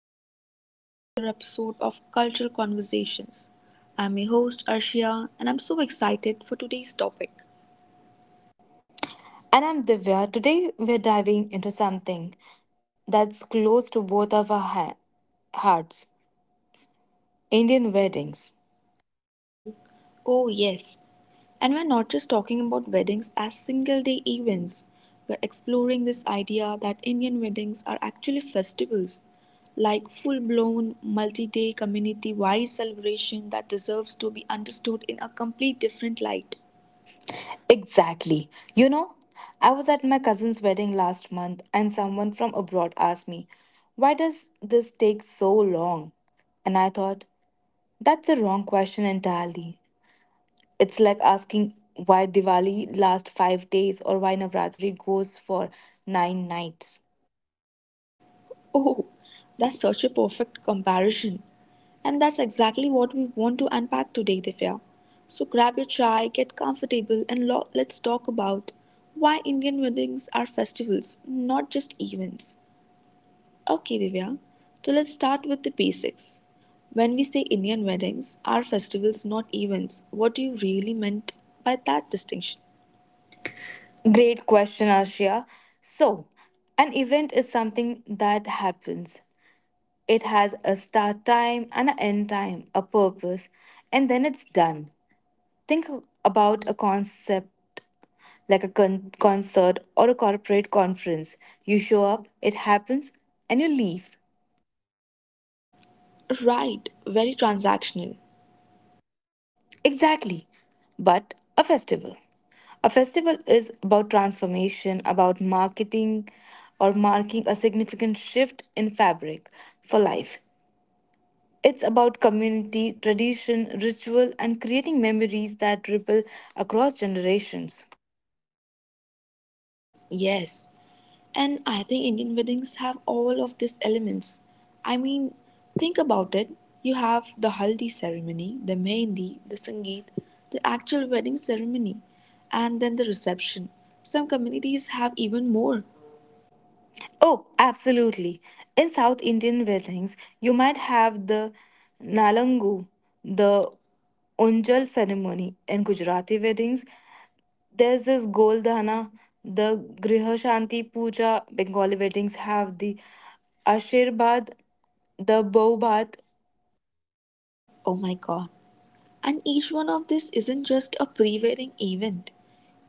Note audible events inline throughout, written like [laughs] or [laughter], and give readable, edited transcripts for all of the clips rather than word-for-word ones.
and welcome back to another episode of Cultural Conversations. I'm your host, Arshia, and I'm so excited for today's topic. And I'm Divya. Today we're diving into something that's close to both of our hearts, Indian weddings. Oh, yes, and we're not just talking about weddings as single day events, we're exploring this idea that Indian weddings are actually festivals, like full blown, multi day, community wide celebration that deserves to be understood in a complete different light. Exactly. I was at my cousin's wedding last month and someone from abroad asked me, "Why does this take so long?" And I thought, that's the wrong question entirely. It's like asking why Diwali lasts 5 days or why Navratri goes for 9 nights. Oh, that's such a perfect comparison. And that's exactly what we want to unpack today, Divya. So grab your chai, get comfortable, and let's talk about why Indian weddings are festivals, not just events. Okay, Divya, so let's start with the basics. When we say Indian weddings are festivals, not events, what do you really meant by that distinction? Great question, Ashia. So, an event is something that happens. It has a start time and an end time, a purpose, and then it's done. Think about a concept like a concert or a corporate conference. You show up, it happens, and you leave. Right, very transactional. Exactly. But a festival. A festival is about transformation, about marketing or marking a significant shift in fabric for life. It's about community, tradition, ritual, and creating memories that ripple across generations. Yes. And I think Indian weddings have all of these elements. I mean, think about it. You have the haldi ceremony, the mehendi, the sangeet, the actual wedding ceremony, and then the reception. Some communities have even more. Oh, absolutely. In South Indian weddings, you might have the Nalangu, the Onjal ceremony. In Gujarati weddings, there's this Goldhana, the Griha Shanti Puja. Bengali weddings have the Ashirbad, the Bow Bath. Oh my god. And each one of this isn't just a pre wedding event.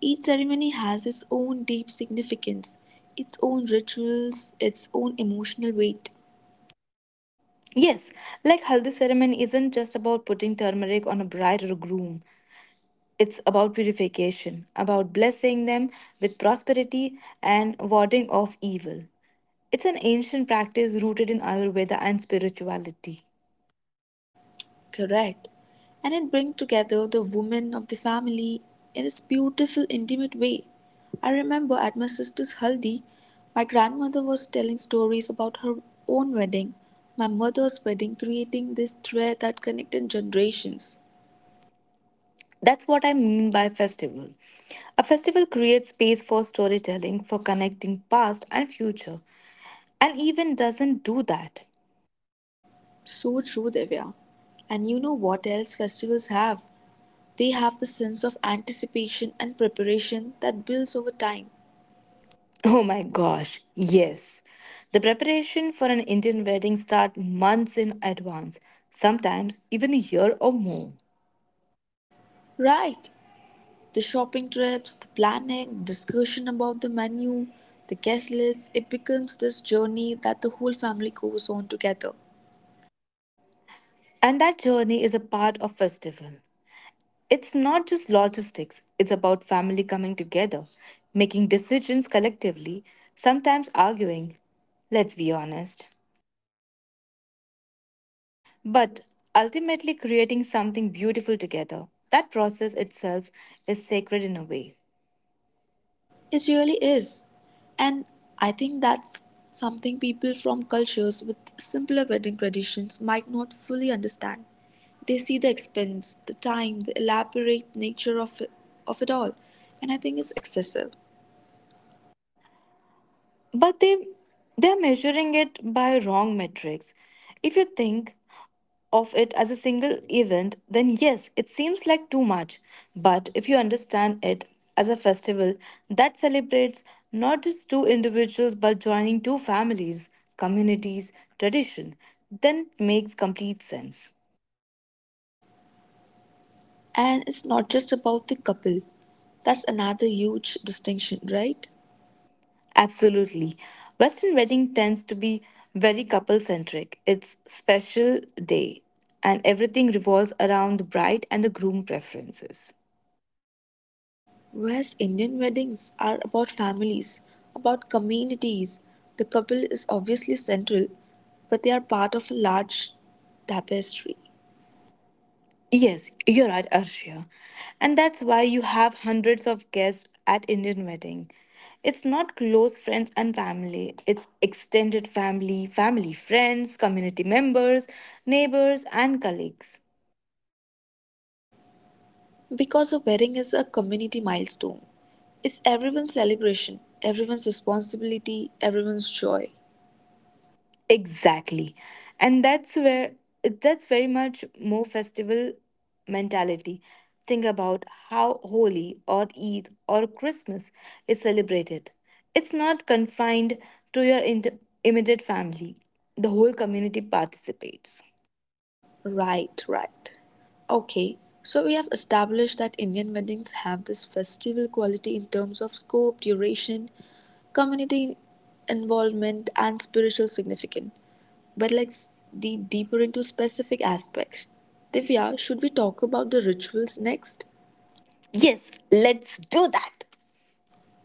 Each ceremony has its own deep significance, its own rituals, its own emotional weight. Yes, like Haldi ceremony isn't just about putting turmeric on a bride or groom. It's about purification, about blessing them with prosperity and warding off evil. It's an ancient practice rooted in Ayurveda and spirituality. Correct. And it brings together the women of the family in this beautiful, intimate way. I remember at my sister's haldi, my grandmother was telling stories about her own wedding, my mother's wedding, creating this thread that connected generations. That's what I mean by festival. A festival creates space for storytelling, for connecting past and future, and even doesn't do that. So true, Divya. And you know what else festivals have? They have the sense of anticipation and preparation that builds over time. Oh my gosh, yes. The preparation for an Indian wedding starts months in advance, sometimes even a year or more. Right. The shopping trips, the planning, discussion about the menu, the guest list, it becomes this journey that the whole family goes on together. And that journey is a part of festival. It's not just logistics, it's about family coming together, making decisions collectively, sometimes arguing, let's be honest, but ultimately creating something beautiful together. That process itself is sacred in a way. It really is. And I think that's something people from cultures with simpler wedding traditions might not fully understand. They see the expense, the time, the elaborate nature of it all, and I think it's excessive. But they're measuring it by wrong metrics. If you think of it as a single event, then yes, it seems like too much. But if you understand it as a festival that celebrates not just two individuals but joining two families, communities, tradition, then it makes complete sense. And it's not just about the couple. That's another huge distinction, right? Absolutely. Western wedding tends to be very couple centric. It's special day and everything revolves around the bride and the groom preferences. West Indian weddings are about families, about communities. The couple is obviously central, but they are part of a large tapestry. Yes, you're right, Arshia. And that's why you have hundreds of guests at Indian wedding. It's not close friends and family, it's extended family, family friends, community members, neighbors and colleagues. Because a wedding is a community milestone, it's everyone's celebration, everyone's responsibility, everyone's joy. Exactly. And that's where that's very much more festival mentality. Think about how Holi or Eid or Christmas is celebrated. It's not confined to your immediate family. The whole community participates. Right, right. Okay, so we have established that Indian weddings have this festival quality in terms of scope, duration, community involvement, and spiritual significance. But let's deeper into specific aspects. Divya, should we talk about the rituals next? Yes, let's do that.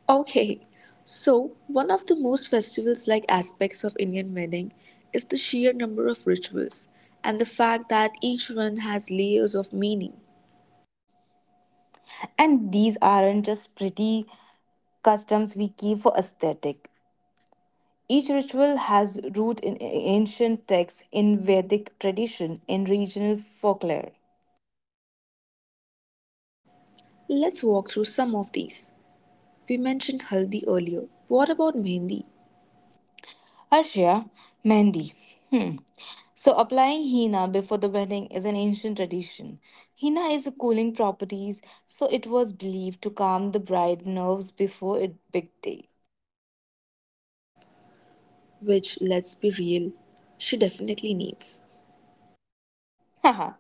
Okay, so one of the most festivals like aspects of Indian wedding is the sheer number of rituals and the fact that each one has layers of meaning. And these aren't just pretty customs we keep for aesthetic. Each ritual has root in ancient texts, in Vedic tradition, in regional folklore. Let's walk through some of these. We mentioned haldi earlier. What about mehendi, Arshia, Mehndi. Hmm. So, applying henna before the wedding is an ancient tradition. Henna is a cooling properties, so it was believed to calm the bride nerves before a big day. which, let's be real, she definitely needs? [laughs] Haha,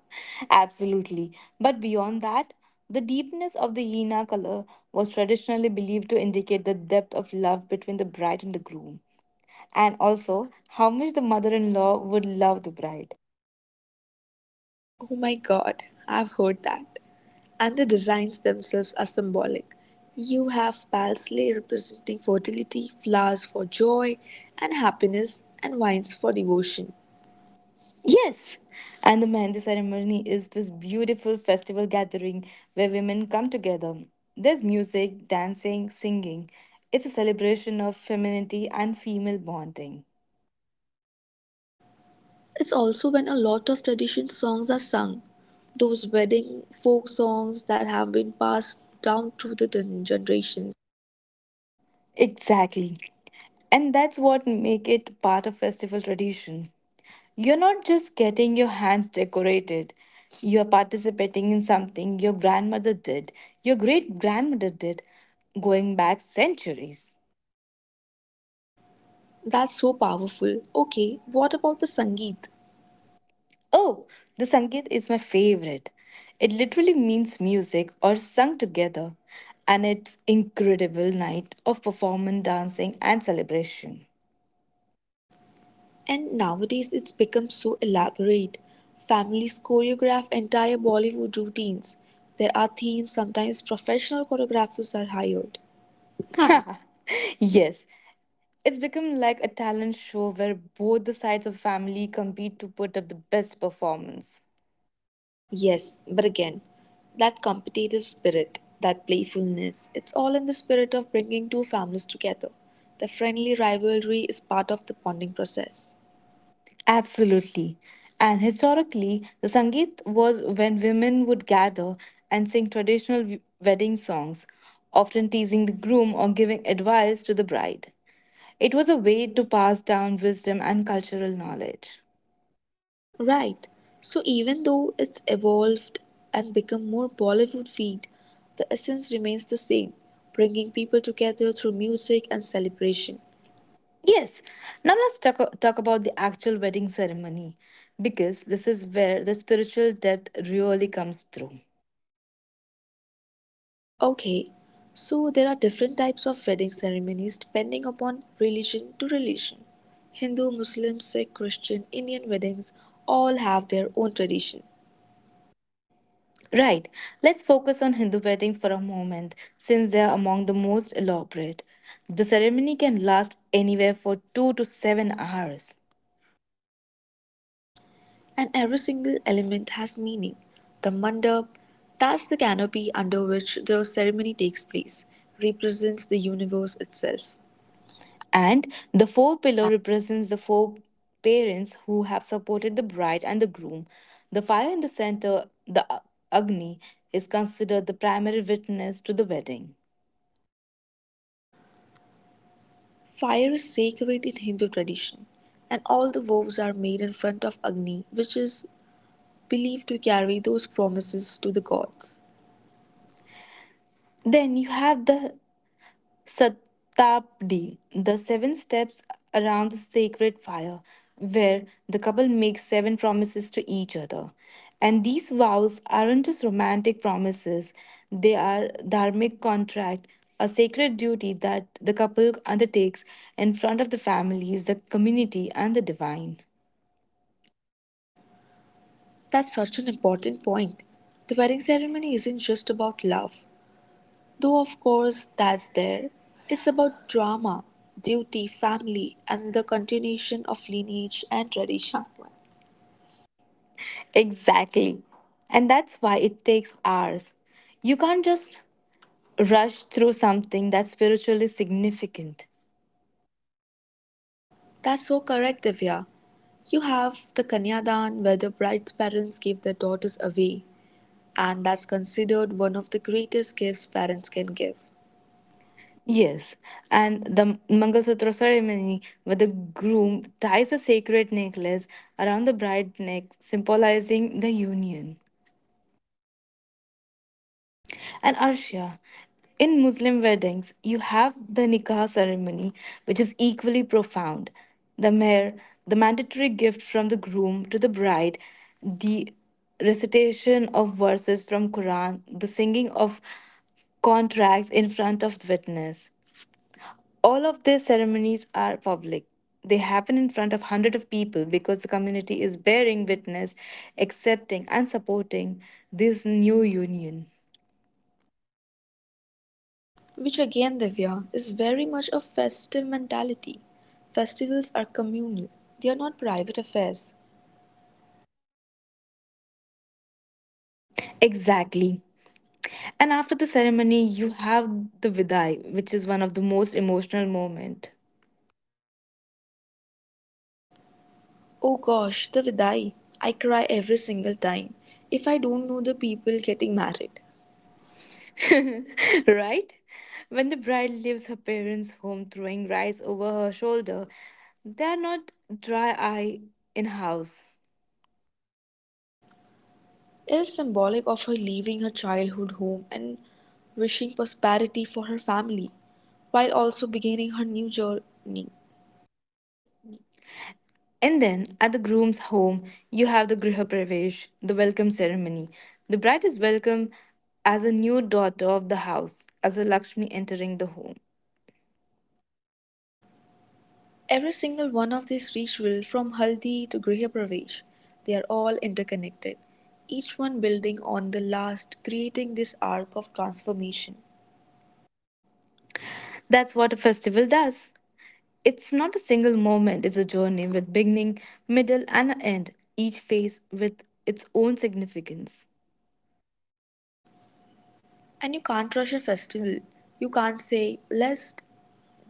absolutely. But beyond that, the deepness of the Hina color was traditionally believed to indicate the depth of love between the bride and the groom, and also how much the mother in law would love the bride. Oh my god, I've heard that. And the designs themselves are symbolic. You have parsley representing fertility, flowers for joy and happiness, and wines for devotion. Yes! And the Mehndi ceremony is this beautiful festival gathering where women come together. There's music, dancing, singing. It's a celebration of femininity and female bonding. It's also when a lot of traditional songs are sung, those wedding folk songs that have been passed down through the generations. Exactly. And that's what make it part of festival tradition. You're not just getting your hands decorated. You're participating in something your grandmother did, your great grandmother did, going back centuries. That's so powerful. Okay, what about the Sangeet? Oh, the Sangeet is my favorite. It literally means music or sung together, and it's incredible night of performance, dancing, and celebration. And nowadays it's become so elaborate. Families choreograph entire Bollywood routines. There are themes, sometimes professional choreographers are hired. [laughs] Yes, it's become like a talent show where both the sides of family compete to put up the best performance. Yes, but again, that competitive spirit, that playfulness, it's all in the spirit of bringing two families together. The friendly rivalry is part of the bonding process. Absolutely. And historically, the Sangeet was when women would gather and sing traditional wedding songs, often teasing the groom or giving advice to the bride. It was a way to pass down wisdom and cultural knowledge. Right. So even though it's evolved and become more Bollywood feed, the essence remains the same, bringing people together through music and celebration. Yes, now let's talk about the actual wedding ceremony because this is where the spiritual depth really comes through. Okay. So there are different types of wedding ceremonies depending upon religion to religion. Hindu, Muslim, Sikh, Christian, Indian weddings all have their own tradition. Right. Let's focus on Hindu weddings for a moment, since they are among the most elaborate. The ceremony can last anywhere for 2 to 7 hours. And every single element has meaning. The mandap, that's the canopy under which the ceremony takes place, represents the universe itself. And the four pillow represents the four parents who have supported the bride and the groom. The fire in the center, the Agni, is considered the primary witness to the wedding. Fire is sacred in Hindu tradition, and all the vows are made in front of Agni, which is believed to carry those promises to the gods. Then you have the Satabdi, the seven steps around the sacred fire, where the couple makes seven promises to each other. And these vows aren't just romantic promises, they are dharmic contract, a sacred duty that the couple undertakes in front of the families, the community, and the divine. That's such an important point. The wedding ceremony isn't just about love, though of course that's there, it's about drama, duty, family, and the continuation of lineage and tradition. Exactly. And that's why it takes hours. You can't just rush through something that's spiritually significant. That's so correct, Divya. You have the Kanyadan where the bride's parents give their daughters away, and that's considered one of the greatest gifts parents can give. Yes, and the Mangalsutra ceremony, where the groom ties a sacred necklace around the bride's neck, symbolizing the union. And Arshia, in Muslim weddings, you have the nikah ceremony, which is equally profound. The meher, the mandatory gift from the groom to the bride, the recitation of verses from Quran, the singing of contracts in front of witness. All of these ceremonies are public. They happen in front of hundreds of people because the community is bearing witness, accepting, and supporting this new union. Which again, Divya, is very much a festive mentality. Festivals are communal, they are not private affairs. Exactly. And after the ceremony, you have the vidai, which is one of the most emotional moments. Oh gosh, the vidai. I cry every single time if I don't know the people getting married. [laughs] Right? When the bride leaves her parents' home throwing rice over her shoulder, they are not dry eye in house. It is symbolic of her leaving her childhood home and wishing prosperity for her family while also beginning her new journey. And then at the groom's home, you have the Griha Pravesh, the welcome ceremony. The bride is welcomed as a new daughter of the house, as a Lakshmi entering the home. Every single one of these rituals from haldi to griha pravesh, they are all interconnected, each one building on the last, creating this arc of transformation. That's what a festival does. It's not a single moment, it's a journey with beginning, middle, and an end, each phase with its own significance. And you can't rush a festival. You can't say, "Let's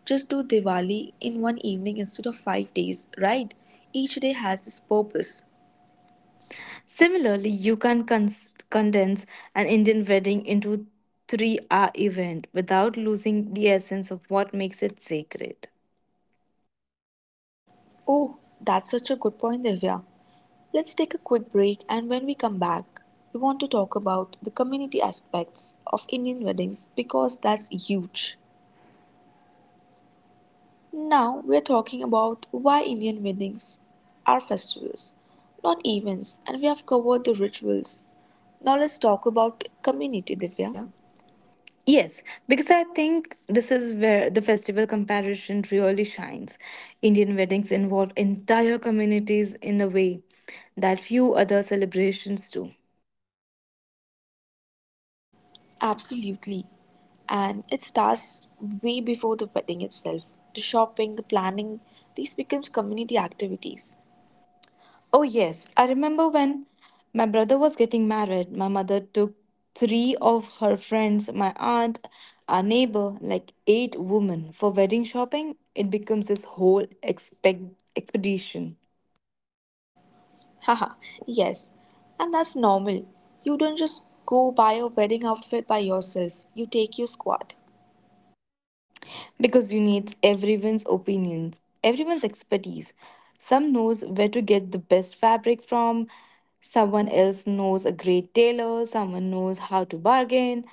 just do Diwali in one evening instead of 5 days, right? Each day has its purpose." Similarly, you can condense an Indian wedding into a 3 hour event without losing the essence of what makes it sacred. Oh, that's such a good point, Divya. Let's take a quick break, and when we come back, we want to talk about the community aspects of Indian weddings because that's huge. Now we are talking about why Indian weddings are festivals, not events, and we have covered the rituals. Now let's talk about community, Divya. Divya? Yes, because I think this is where the festival comparison really shines. Indian weddings involve entire communities in a way that few other celebrations do. Absolutely. And it starts way before the wedding itself. The shopping, the planning, these becomes community activities. Oh, yes, I remember when my brother was getting married, my mother took three of her friends, my aunt, our neighbor, like eight women for wedding shopping. It becomes this whole expedition. [laughs] Haha, yes. And that's normal. You don't just go buy a wedding outfit by yourself. You take your squad. Because you need everyone's opinions, everyone's expertise. Some knows where to get the best fabric from, someone else knows a great tailor, someone knows how to bargain.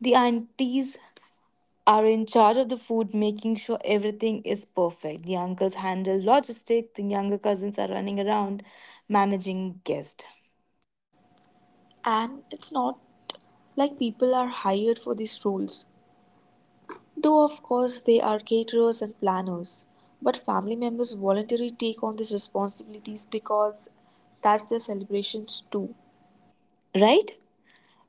The aunties are in charge of the food, making sure everything is perfect. The uncles handle logistics, the younger cousins are running around managing guests. And it's not like people are hired for these roles. Though of course they are caterers and planners. But family members voluntarily take on these responsibilities because that's their celebrations too. Right?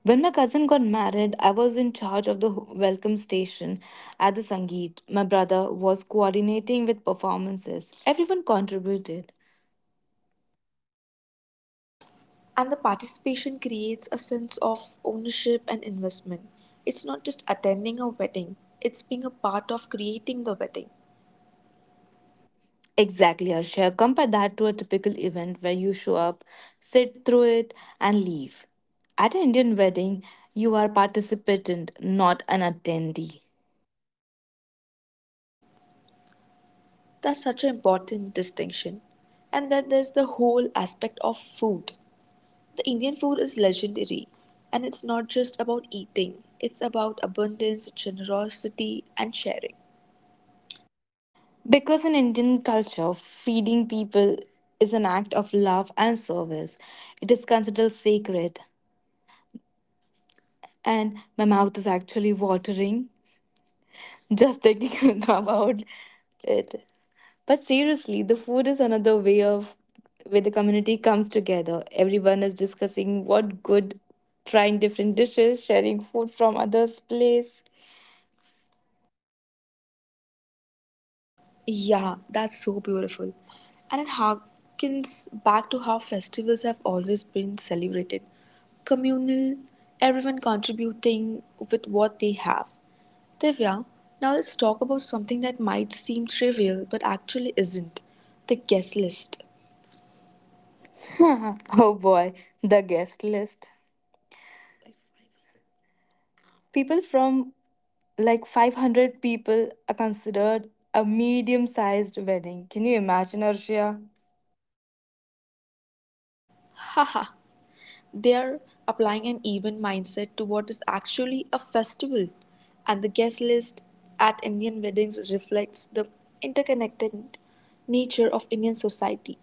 When my cousin got married, I was in charge of the welcome station at the Sangeet. My brother was coordinating with performances. Everyone contributed. And the participation creates a sense of ownership and investment. It's not just attending a wedding, it's being a part of creating the wedding. Exactly, Arshia. Compare that to a typical event where you show up, sit through it, and leave. At an Indian wedding, you are participant, not an attendee. That's such an important distinction. And then there's the whole aspect of food. The Indian food is legendary, and it's not just about eating, it's about abundance, generosity, and sharing. Because in Indian culture, feeding people is an act of love and service. It is considered sacred. And my mouth is actually watering just thinking [laughs] about it. But seriously, the food is another way of where the community comes together. Everyone is discussing what good, trying different dishes, sharing food from others' place. Yeah, that's so beautiful. And it harkens back to how festivals have always been celebrated communal, everyone contributing with what they have. Divya, now let's talk about something that might seem trivial but actually isn't the guest list. [laughs] Oh boy, the guest list. People from like 500 people are considered a medium sized wedding. Can you imagine, Arshia? Haha, they are applying an even mindset to what is actually a festival, and the guest list at Indian weddings reflects the interconnected nature of Indian society.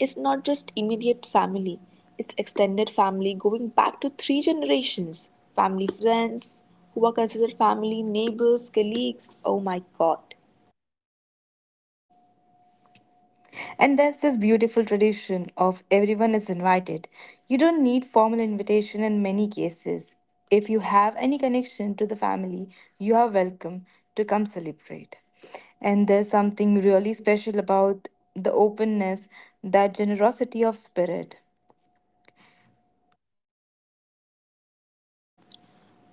It's not just immediate family, it's extended family going back to 3 generations family, friends who are considered family, neighbors, colleagues. Oh my god. And there's this beautiful tradition of everyone is invited. You don't need formal invitation in many cases. If you have any connection to the family, you are welcome to come celebrate. And there's something really special about the openness, that generosity of spirit.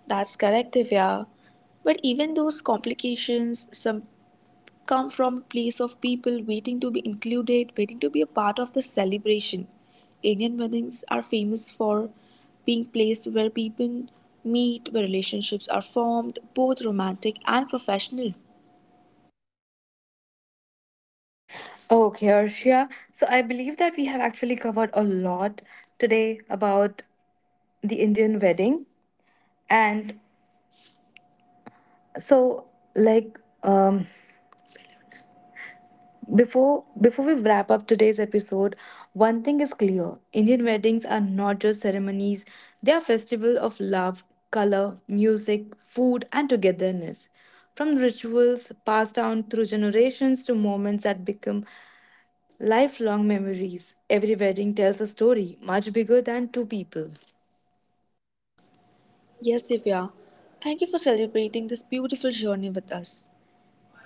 That's correct, Divya. But even those complications, some come from a place of people waiting to be included, waiting to be a part of the celebration. Indian weddings are famous for being places where people meet, where relationships are formed, both romantic and professional. Okay, Arshia. So I believe that we have actually covered a lot today about the Indian wedding. And so, like, um, before we wrap up today's episode, one thing is clear. Indian weddings are not just ceremonies, they are festivals of love, color, music, food and togetherness. From rituals passed down through generations to moments that become lifelong memories, every wedding tells a story much bigger than two people. Yes, Divya, thank you for celebrating this beautiful journey with us.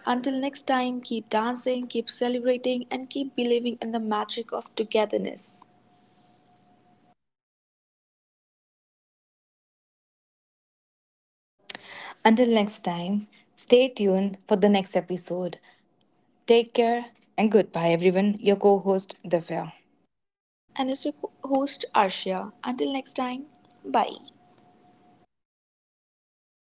Until next time, keep dancing, keep celebrating, and keep believing in the magic of togetherness. Until next time, stay tuned for the next episode. Take care and goodbye everyone. Your co-host Divya. And as your host, Arshia, until next time, bye.